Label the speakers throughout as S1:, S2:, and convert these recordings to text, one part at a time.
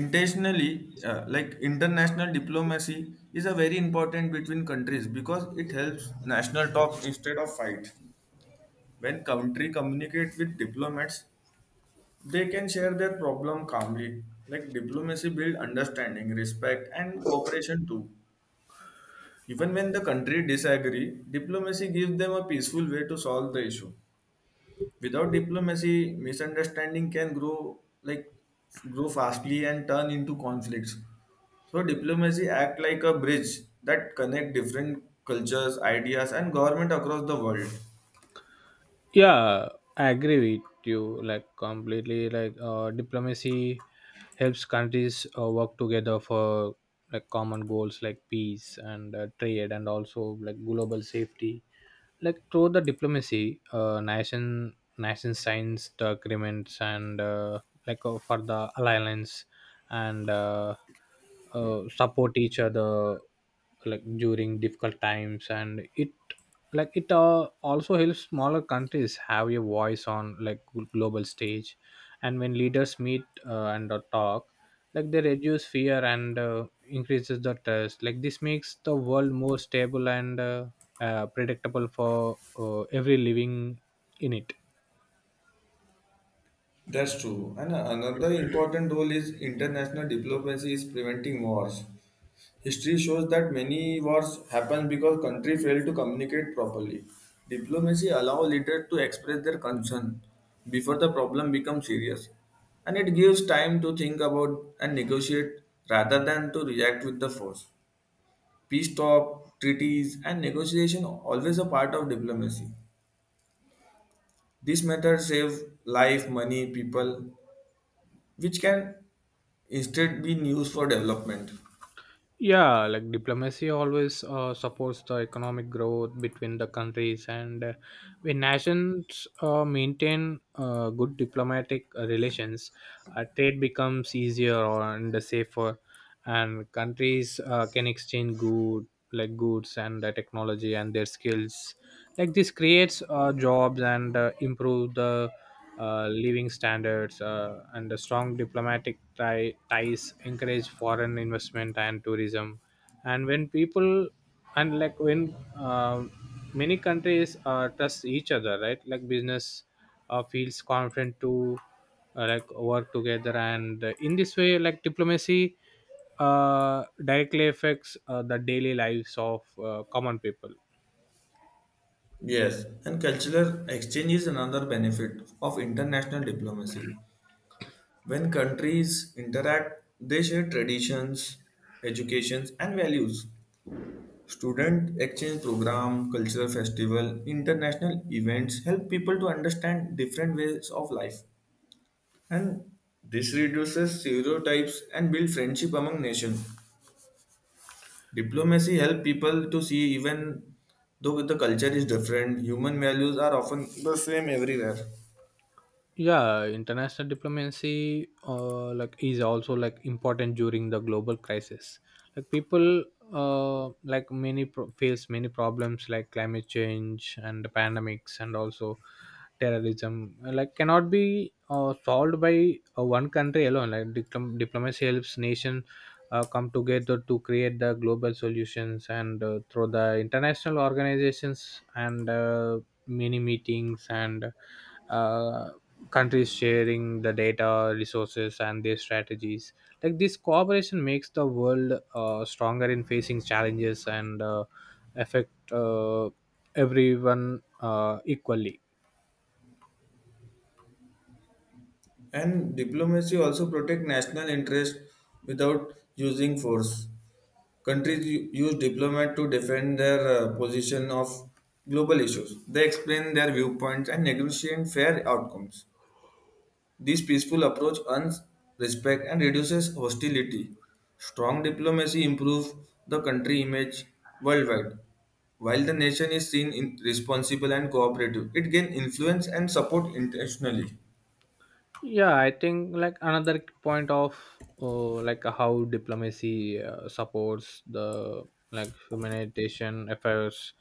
S1: Intentionally like international diplomacy is a very important between countries because it helps national talk instead of fight. When country communicate with diplomats, they can share their problem calmly. Like diplomacy build understanding, respect, and cooperation too. Even when the country disagree, diplomacy gives them a peaceful way to solve the issue. Without diplomacy, misunderstanding can grow like grow fastly and turn into conflicts. So diplomacy act like a bridge that connect different cultures, ideas, and government across the world.
S2: Yeah, I agree with you, like completely. Diplomacy helps countries work together for like common goals like peace and trade and also like global safety. Like through the diplomacy, nation signs the agreements and like for the alliance and support each other like during difficult times. And it like it uh, also helps smaller countries have a voice on like global stage. And when leaders meet and talk, like they reduce fear and increases the trust. Like this makes the world more stable and predictable for every living in it.
S1: That's true. And another important role is international diplomacy is preventing wars. History shows that many wars happen because countries fail to communicate properly. Diplomacy allows leaders to express their concern before the problem becomes serious, and it gives time to think about and negotiate rather than to react with the force. Peace talk, treaties, and negotiation are always a part of diplomacy. This method saves life, money, people, which can instead be used for development.
S2: Yeah, like diplomacy always supports the economic growth between the countries, and when nations maintain good diplomatic relations, trade becomes easier and safer, and countries can exchange goods and technology and their skills. Like this creates jobs and improve the living standards, and the strong diplomatic ties encourage foreign investment and tourism. And when people and like when uh, many countries trust each other, right, like business feels confident to like work together. And in this way, like diplomacy directly affects the daily lives of common people.
S1: Yes, and cultural exchange is another benefit of international diplomacy. When countries interact, they share traditions, educations, and values. Student exchange program, cultural festival, international events help people to understand different ways of life. And this reduces stereotypes and build friendship among nations. Diplomacy help people to see even though the culture is different, human values are often the same everywhere.
S2: Yeah, international diplomacy like is also like important during the global crisis. Like people like many pro- face many problems like climate change and pandemics and also terrorism, like cannot be solved by one country alone. Like diplomacy helps nation come together to create the global solutions, and through the international organizations and many meetings and uh, countries sharing the data resources and their strategies. Like this cooperation makes the world stronger in facing challenges and affect everyone equally.
S1: And diplomacy also protect national interest without using force. Countries use diplomat to defend their position of global issues. They explain their viewpoints and negotiate fair outcomes. This peaceful approach earns respect and reduces hostility. Strong diplomacy improves the country image worldwide. While the nation is seen in responsible and cooperative, it gains influence and support internationally.
S2: Yeah, I think like another point of like how diplomacy supports the like humanitarian affairs.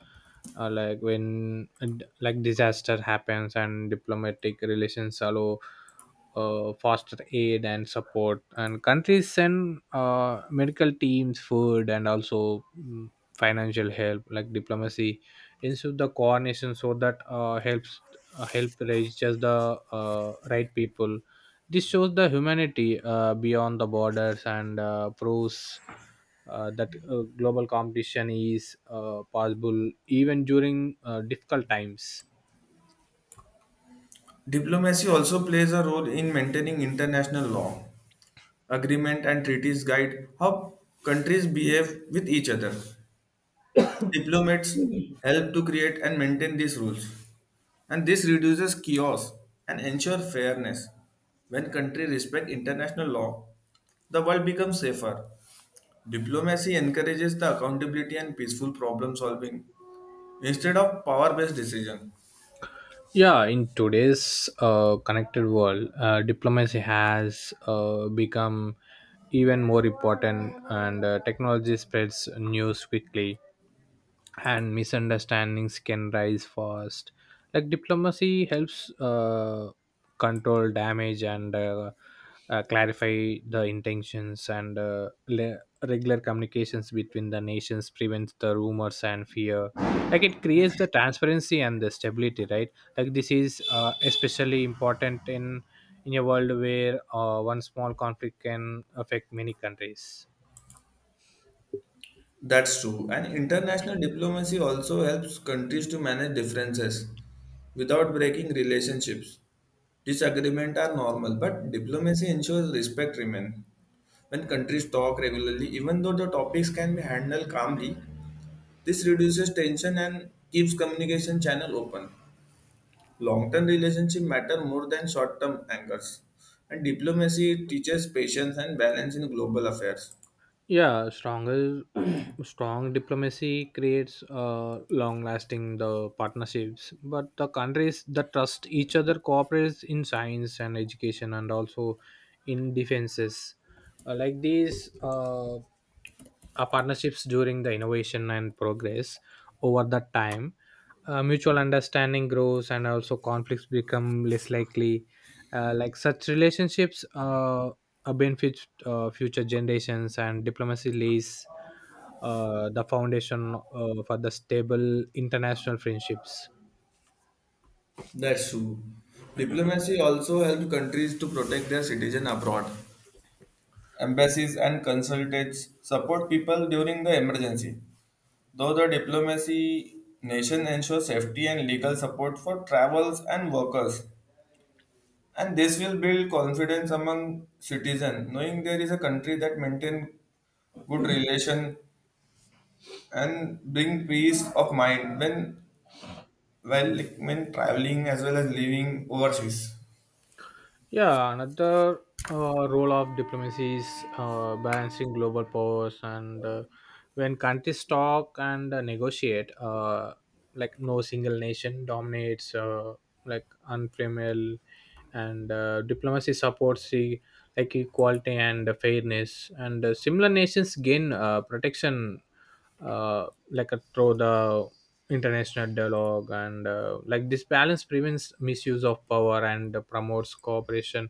S2: Like when like disaster happens, and diplomatic relations allow foster aid and support, and countries send medical teams, food, and also financial help. Like diplomacy into the coordination so that help reach just the right people. This shows the humanity beyond the borders and proves that global competition is possible even during difficult times.
S1: Diplomacy also plays a role in maintaining international law. Agreement and treaties guide how countries behave with each other. Diplomats help to create and maintain these rules. And this reduces chaos and ensure fairness. When countries respect international law, the world becomes safer. Diplomacy encourages the accountability and peaceful problem solving instead of power based decision.
S2: Yeah, in today's connected world, diplomacy has become even more important, and technology spreads news quickly, and misunderstandings can rise fast. Like diplomacy helps control damage and clarify the intentions, and regular communications between the nations prevents the rumors and fear. Like it creates the transparency and the stability, right? Like this is especially important in a world where one small conflict can affect many countries.
S1: That's true. And international diplomacy also helps countries to manage differences without breaking relationships. Disagreements are normal, but diplomacy ensures respect remains. When countries talk regularly, even though the topics can be handled calmly, this reduces tension and keeps communication channel open. Long-term relationship matter more than short-term angers. And diplomacy teaches patience and balance in global affairs.
S2: Yeah, stronger, strong diplomacy creates long-lasting the partnerships. But the countries that trust each other cooperates in science and education, and also in defenses. Like these are partnerships during the innovation and progress over that time. Mutual understanding grows, and also conflicts become less likely. Such relationships benefit future generations, and diplomacy lays the foundation for the stable international friendships.
S1: That's true. Diplomacy also helps countries to protect their citizens abroad. Embassies and consulates support people during the emergency. Though the diplomacy nation ensures safety and legal support for travels and workers. And this will build confidence among citizens, knowing there is a country that maintains good relation and bring peace of mind when traveling as well as living overseas.
S2: Yeah, another role of diplomacy is balancing global powers, and when countries talk and negotiate, like no single nation dominates, like unflammable, and diplomacy supports the like equality and fairness, and similar nations gain protection, uh, like through the international dialogue. And like this balance prevents misuse of power and promotes cooperation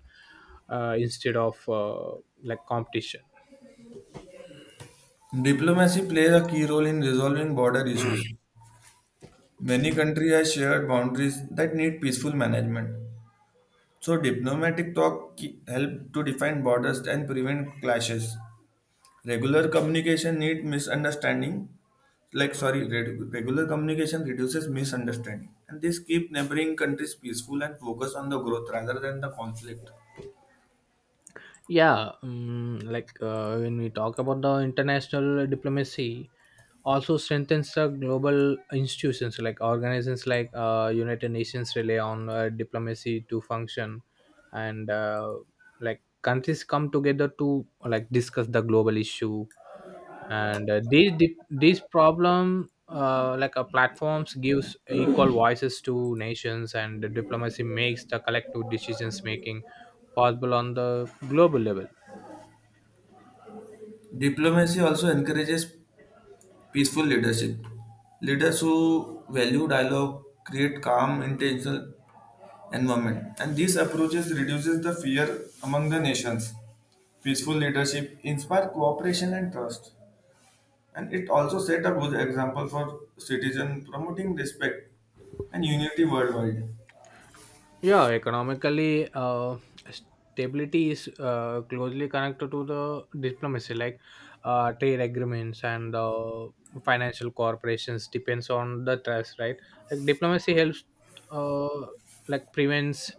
S2: instead of like competition.
S1: Diplomacy plays a key role in resolving border issues. Many countries have shared boundaries that need peaceful management. So, diplomatic talk help to define borders and prevent clashes. Regular communication need misunderstanding. Like sorry, regular communication reduces misunderstanding, and this keep neighboring countries peaceful and focus on the growth rather than the conflict.
S2: Yeah, like when we talk about the international diplomacy, also strengthens the global institutions like organizations like United Nations rely on diplomacy to function. And like countries come together to like discuss the global issue, and these dip- these problem like platforms gives equal voices to nations, and diplomacy makes the collective decisions making possible on the global level.
S1: Diplomacy also encourages peaceful leadership. Leaders who value dialogue create calm, intentional environment. And these approaches reduces the fear among the nations. Peaceful leadership inspire cooperation and trust. And it also set a good example for citizens promoting respect and unity worldwide.
S2: Yeah, economically, stability is closely connected to the diplomacy. Like trade agreements and financial corporations depends on the trust, right? Like diplomacy helps, uh, like prevents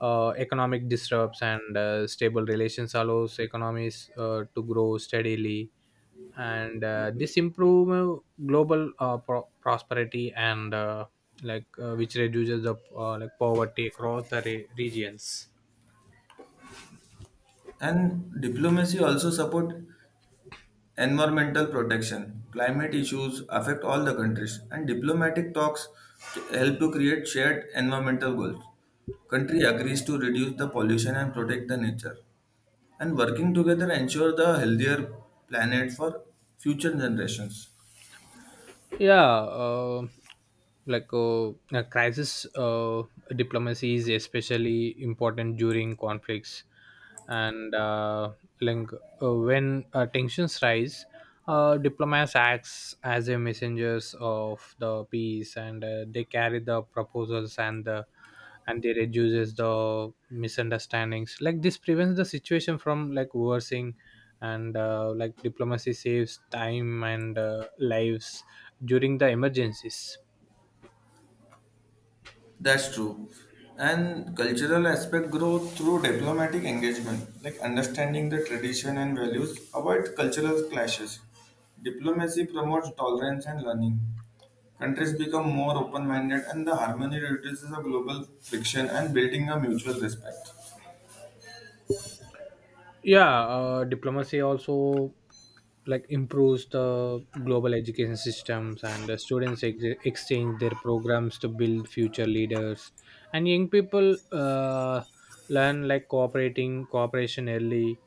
S2: economic disrupts, and stable relations allows economies to grow steadily, and this improve global prosperity, and like which reduces the like poverty across the regions.
S1: And diplomacy also support environmental protection. Climate issues affect all the countries, and diplomatic talks help to create shared environmental goals. Country agrees to reduce the pollution and protect the nature, and working together ensure the healthier planet for future generations.
S2: Yeah uh, like uh, uh, crisis diplomacy is especially important during conflicts, and like when tensions rise, diplomats acts as a messengers of the peace, and they carry the proposals and they reduces the misunderstandings. Like this prevents the situation from like worsening, and like diplomacy saves time and lives during the emergencies.
S1: That's true. And cultural aspect grow through diplomatic engagement, like understanding the tradition and values, avoid cultural clashes. Diplomacy promotes tolerance and learning. Countries become more open minded, and the harmony reduces the global friction and building a mutual respect.
S2: Yeah, diplomacy also like improves the global education systems, and the students exchange their programs to build future leaders. And young people learn like cooperating cooperation early,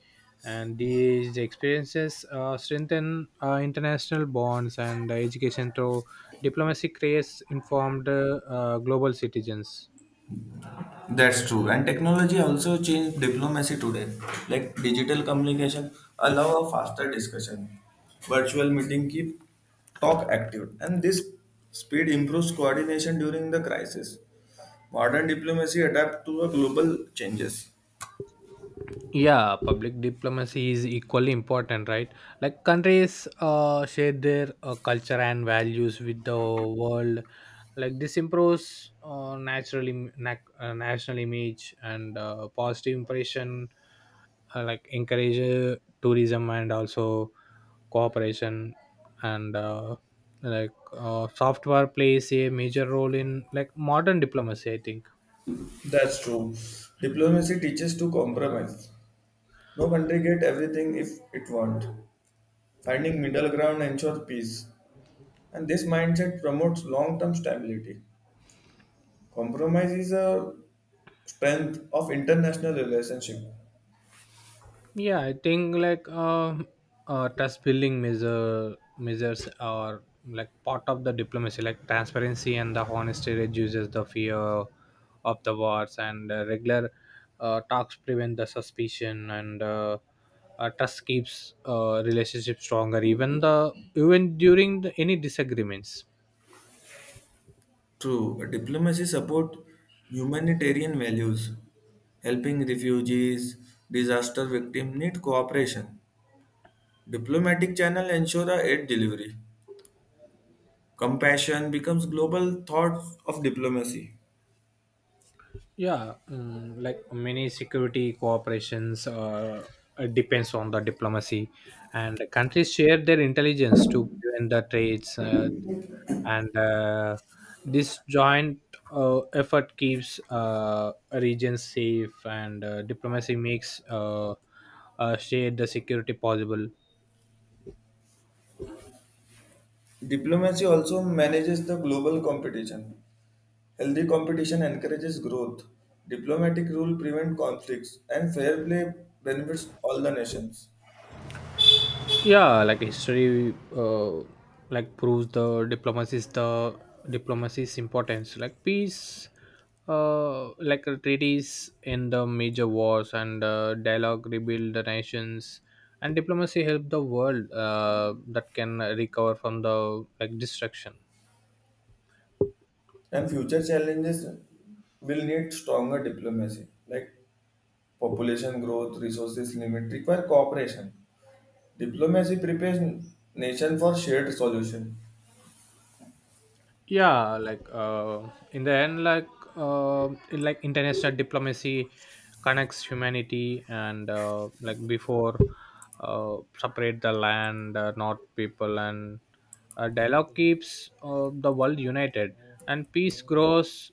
S2: and these experiences strengthen international bonds, and education through diplomacy creates informed global citizens.
S1: That's true. And technology also changed diplomacy today. Like digital communication allow a faster discussion. Virtual meeting keep talk active. And this speed improves coordination during the crisis. Modern diplomacy adapt to a global changes.
S2: Yeah, public diplomacy is equally important, right? Like countries share their culture and values with the world. Like this improves naturally nac national image, and positive impression like encourage tourism and also cooperation. And like software plays a major role in like modern diplomacy, I think.
S1: That's true. Diplomacy teaches to compromise. No country get everything if it want. Finding middle ground ensures peace. And this mindset promotes long-term stability. Compromise is a strength of international relationship.
S2: Yeah, I think trust building measures are like part of the diplomacy. Like transparency and the honesty reduces the fear of the wars, and regular talks prevent the suspicion, and trust keeps relationship stronger. Even during the, any disagreements.
S1: True, diplomacy support humanitarian values. Helping refugees, disaster victims need cooperation. Diplomatic channel ensure a aid delivery. Compassion becomes global thought of diplomacy.
S2: Yeah, like many security cooperations depends on the diplomacy, and countries share their intelligence to prevent the trades, and this joint effort keeps regions safe, and diplomacy makes share the security possible.
S1: Diplomacy also manages the global competition. Healthy competition encourages growth. Diplomatic rule prevent conflicts and fair play benefits all the nations.
S2: Yeah, like history like proves the diplomacy's importance. Like peace treaties in the major wars, and dialogue rebuild the nations, and diplomacy help the world that can recover from the like destruction.
S1: And future challenges will need stronger diplomacy, like population growth, resources limit, require cooperation. Diplomacy prepares nation for shared solution.
S2: Yeah, like in the end, like international diplomacy connects humanity, and like before separate the land, not people, and dialogue keeps the world united, and peace grows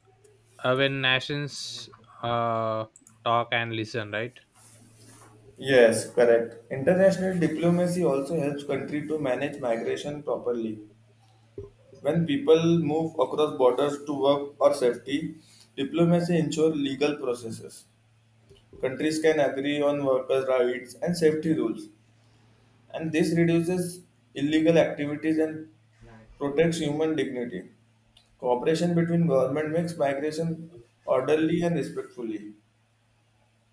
S2: when nations uh, talk and listen, right?
S1: Yes, correct. International diplomacy also helps country to manage migration properly. When people move across borders to work or safety, diplomacy ensures legal processes. Countries can agree on workers' rights and safety rules, and this reduces illegal activities and protects human dignity. Cooperation between government makes migration orderly and respectfully.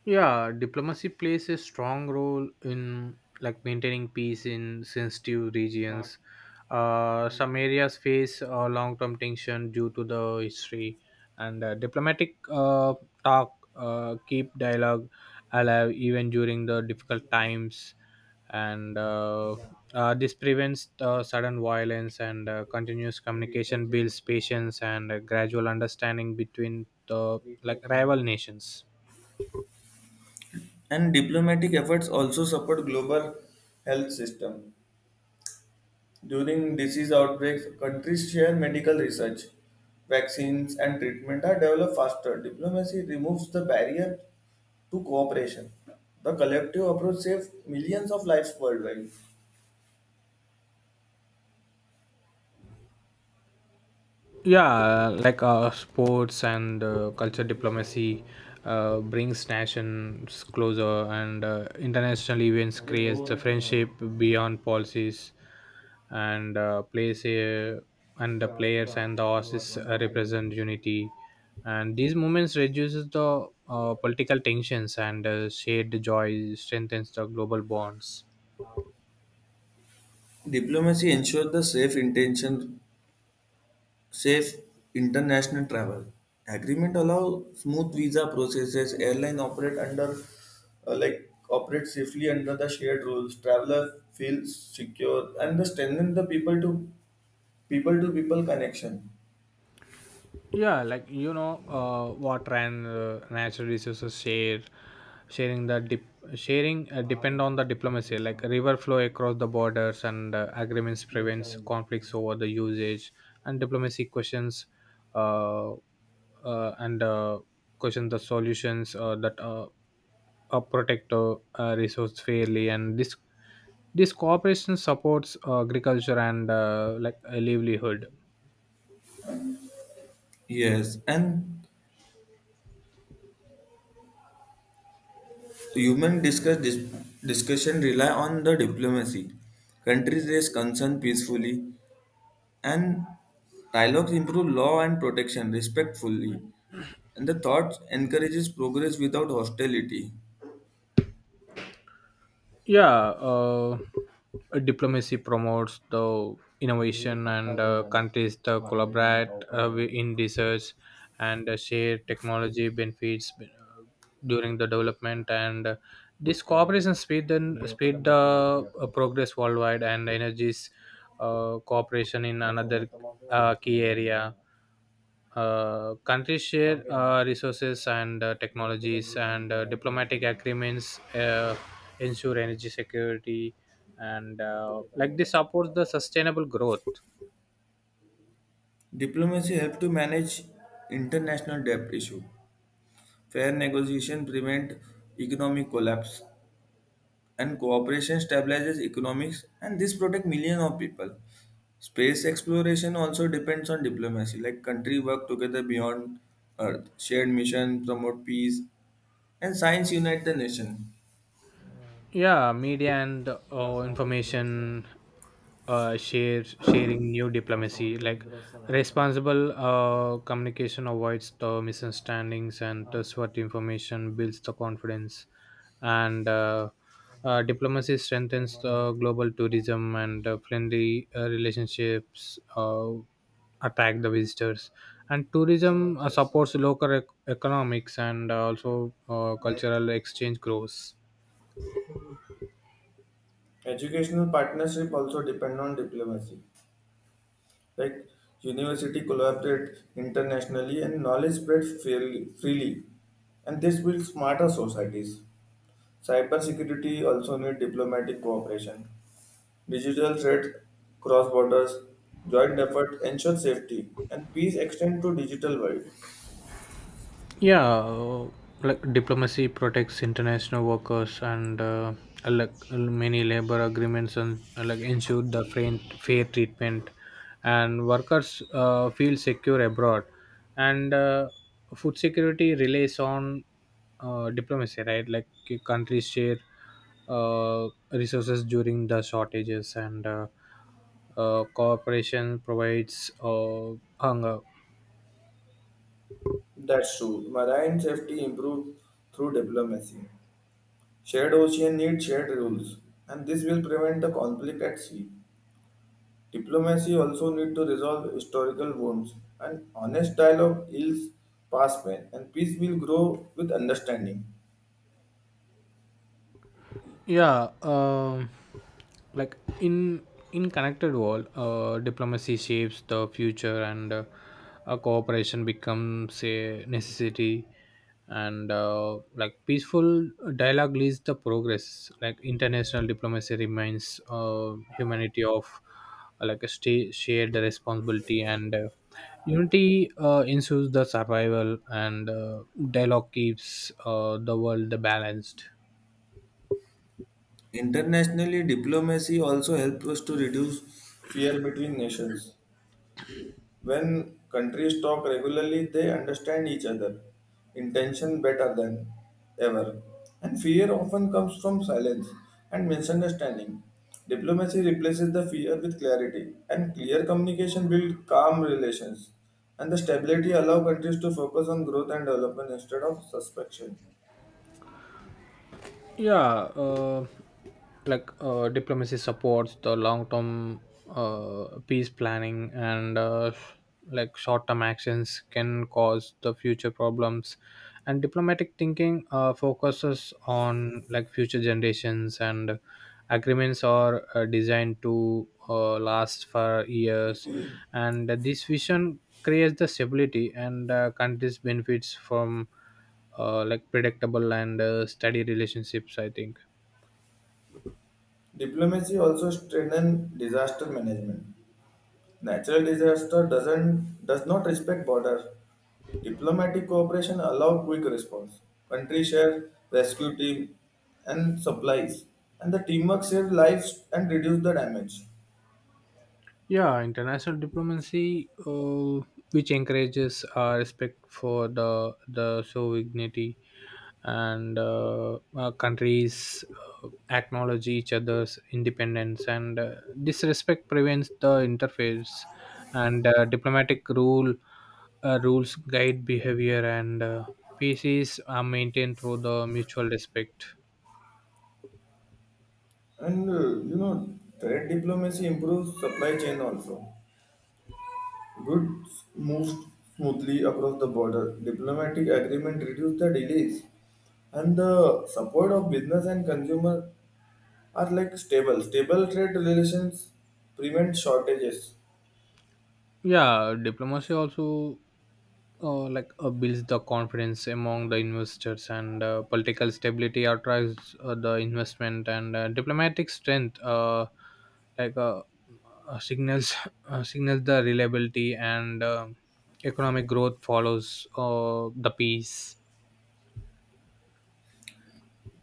S2: Yeah, diplomacy plays a strong role in like maintaining peace in sensitive regions. Some areas face long-term tension due to the history, and diplomatic talk keep dialogue alive even during the difficult times, and this prevents sudden violence, and continuous communication builds patience and gradual understanding between the like rival nations.
S1: And diplomatic efforts also support global health system. During disease outbreaks, countries share medical research. Vaccines and treatment are developed faster. Diplomacy removes the barrier to cooperation. The collective approach saves millions of lives worldwide.
S2: Yeah, like sports and culture diplomacy brings nations closer, and international events creates the friendship beyond policies, and plays a and the players and the horses represent unity. And these movements reduces the political tensions, and shared joy strengthens the global bonds.
S1: Diplomacy ensures the safe intention. Safe international travel. Agreement allow smooth visa processes. Airline operate under operate safely under the shared rules. Traveler feels secure and the strengthen the people to people connection.
S2: Yeah, like you know water and natural resources share sharing the dip, sharing depend on the diplomacy. Like river flow across the borders, and agreements prevents conflicts over the usage, and diplomacy uh, uh, and uh, question the solutions that protect resource fairly, and this cooperation supports agriculture and like a livelihood.
S1: Yes, and human discuss dis- discussion rely on the diplomacy. Countries raise concern peacefully. And dialogues improve law and protection respectfully, and the thought encourages progress without hostility.
S2: Yeah, diplomacy promotes the innovation, and countries to collaborate in research, and share technology benefits during the development. And this cooperation speed the progress worldwide, and energies cooperation in another key area. Countries share Okay. Resources and technologies, and diplomatic agreements ensure energy security, and like this supports the sustainable growth.
S1: Diplomacy helps to manage international debt issue. Fair negotiation prevent economic collapse, and cooperation stabilizes economics, and this protect millions of people. Space exploration also depends on diplomacy. Like country work together beyond earth shared mission promote peace, and science unite the nation.
S2: Yeah, media and information share sharing new diplomacy, like responsible communication avoids the misunderstandings, and trustworthy information builds the confidence. And diplomacy strengthens the global tourism, and friendly relationships attract the visitors, and tourism supports local economics, and also cultural exchange grows.
S1: Educational partnership also depend on diplomacy. Like university collaborate internationally and knowledge spreads fairly, freely, and this builds smarter societies. Cybersecurity also need diplomatic cooperation. Digital threat cross borders, joint effort ensure safety, and peace extend to digital world.
S2: Yeah, like diplomacy protects international workers, and like many labor agreements and like ensure the fair treatment, and workers feel secure abroad. And food security relies on diplomacy, right? Like countries share resources during the shortages, and cooperation provides hunger.
S1: That's true. Marine safety improves through diplomacy. Shared ocean need shared rules, and this will prevent the conflict at sea. Diplomacy also need to resolve historical wounds, and honest dialogue heals past pain, and peace will grow with understanding.
S2: Yeah, like in connected world, diplomacy shapes the future, and a cooperation becomes a necessity, and like peaceful dialogue leads the progress. Like international diplomacy remains humanity of shared responsibility, and unity ensures the survival, and dialogue keeps the world balanced.
S1: Internationally, diplomacy also helps us to reduce fear between nations. When countries talk regularly, they understand each other, intention better than ever. And fear often comes from silence and misunderstanding. Diplomacy replaces the fear with clarity, and clear communication builds calm relations. And the stability allows countries to focus on growth and development instead of suspicion.
S2: Yeah, like diplomacy supports the long term peace planning, and like short term actions can cause the future problems, and diplomatic thinking focuses on like future generations, and agreements are designed to last for years. And this vision creates the stability, and countries benefits from like predictable and steady relationships, I think.
S1: Diplomacy also strengthens disaster management. Natural disaster does not respect borders. Diplomatic cooperation allows quick response. Countries share rescue team and supplies, and the teamwork saves lives and reduce the damage.
S2: Yeah, international diplomacy which encourages respect for the sovereignty, and countries acknowledge each other's independence, and this respect prevents the interference. And diplomatic rules guide behavior, and peace is maintained through the mutual respect.
S1: And trade diplomacy improves supply chain also. Goods move smoothly across the border. Diplomatic agreement reduce the delays, and the support of business and consumer are like stable. Stable trade relations prevent shortages.
S2: Yeah, diplomacy also like builds the confidence among the investors, and political stability attracts the investment, and diplomatic strength like uh, signals signals the reliability, and economic growth follows the peace.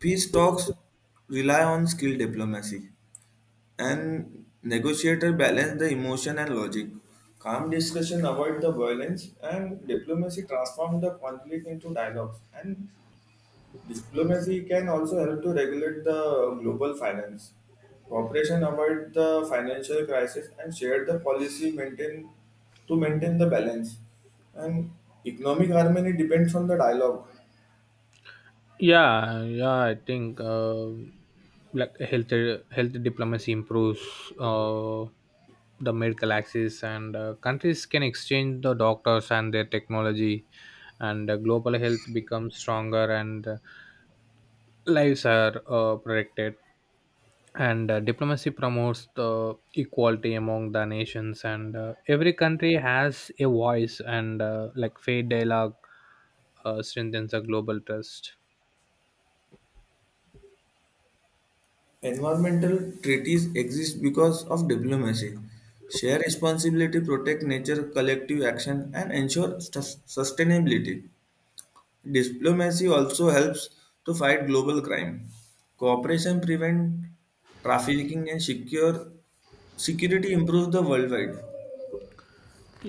S1: Peace talks rely on skill diplomacy, and negotiator balance the emotion and logic. Calm discussion avoid the violence, and diplomacy transform the conflict into dialogues. And diplomacy can also help to regulate the global finance. Cooperation avoid the financial crisis and share the policy maintain the balance. And economic harmony depends on the dialogue.
S2: Yeah, yeah, I think like health diplomacy improves uh, the medical access, and countries can exchange the doctors and their technology, and global health becomes stronger, and lives are protected. And diplomacy promotes the equality among the nations, and every country has a voice, and like fair dialogue strengthens the global trust.
S1: Environmental treaties exist because of diplomacy. Share responsibility, protect nature, collective action, and ensure sustainability. Diplomacy also helps to fight global crime. Cooperation prevent trafficking and secure security improves the worldwide.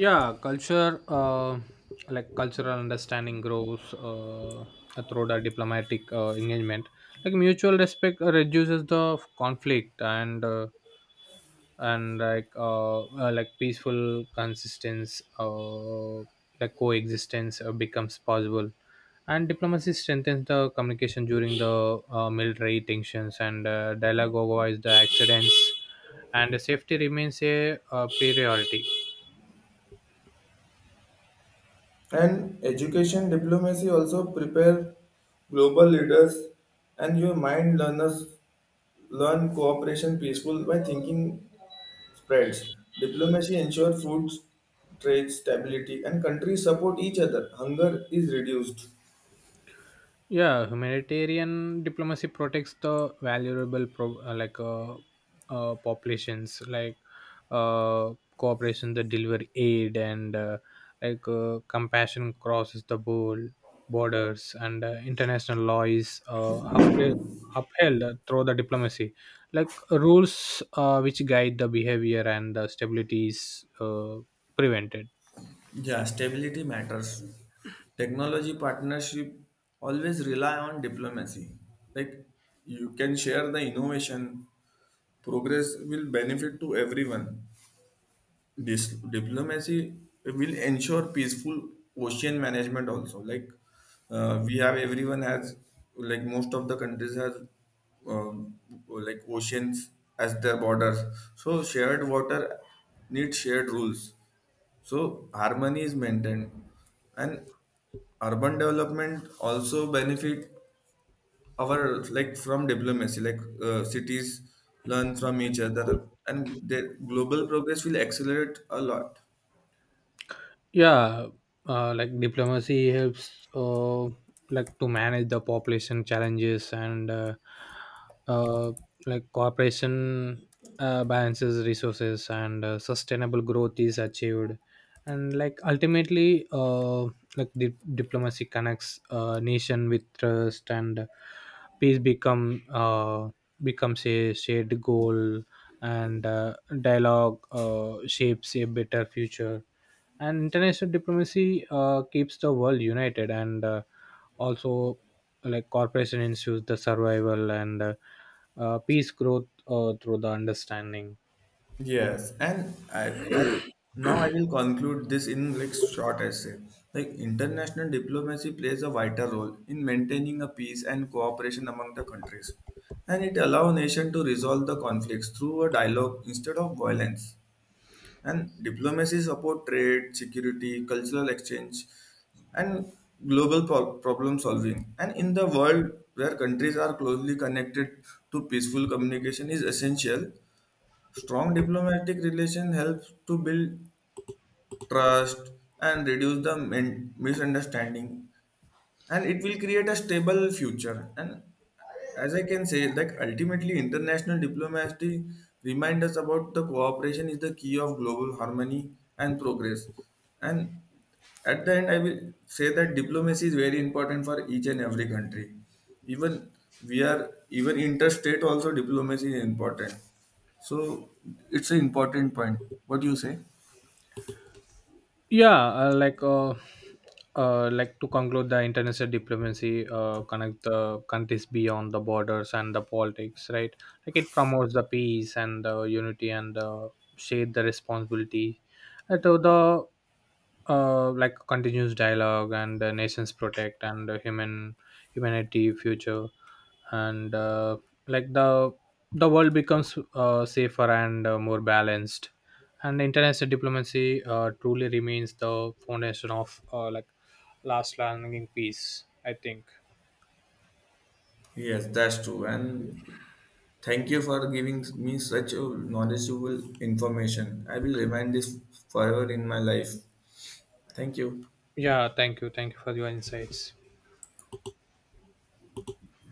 S2: Yeah, culture like cultural understanding grows through the diplomatic engagement. Like mutual respect reduces the conflict, and like peaceful consistence like coexistence becomes possible, and diplomacy strengthens the communication during the military tensions, and dialogue avoids the accidents, and safety remains a priority.
S1: And education diplomacy also prepare global leaders, and your mind learners learn cooperation peaceful by thinking spreads. Diplomacy ensures food trade stability and countries support each other. Hunger is reduced.
S2: Yeah, humanitarian diplomacy protects the valuable populations, like uh, cooperation that deliver aid, and like compassion crosses the borders, and international law is upheld through the diplomacy. Like rules which guide the behavior, and the stability is prevented.
S1: Yeah, stability matters. Technology partnership always rely on diplomacy. Like you can share the innovation, progress will benefit to everyone. This diplomacy will ensure peaceful ocean management also. Like we have everyone has like most of the countries has um, like oceans as their borders. So shared water needs shared rules. So harmony is maintained, and urban development also benefit our like from diplomacy. Like cities learn from each other, and their global progress will accelerate a lot.
S2: Yeah, like diplomacy helps like to manage the population challenges, and uh, like cooperation balances resources, and sustainable growth is achieved. And like ultimately, like diplomacy connects nation with trust, and peace becomes a shared goal, and dialogue shapes a better future, and international diplomacy keeps the world united, and also like corporation ensures the survival, and peace growth through the understanding.
S1: Yes, and I, as now I will conclude this in like short essay. Like international diplomacy plays a vital role in maintaining a peace and cooperation among the countries, and it allows nation to resolve the conflicts through a dialogue instead of violence. And diplomacy support trade, security, cultural exchange, and global problem solving. And in the world where countries are closely connected to peaceful communication is essential. Strong diplomatic relations helps to build trust and reduce the misunderstanding, and it will create a stable future. And as I can say, like ultimately international diplomacy reminds us about the cooperation is the key of global harmony and progress. And at the end I will say that diplomacy is very important for each and every country. Even we are, even interstate also diplomacy is important. So it's an important point. What do you say?
S2: Yeah, like to conclude, the international diplomacy connect the countries beyond the borders and the politics, right? Like it promotes the peace and the unity, and share the responsibility to the like continuous dialogue, and nations protect and humanity future, and like the world becomes safer and more balanced, and international diplomacy truly remains the foundation of like lasting peace, I think.
S1: Yes, that's true. And thank you for giving me such a knowledgeable information. I will remind this forever in my life. Thank you.
S2: Yeah, thank you, thank you for your insights.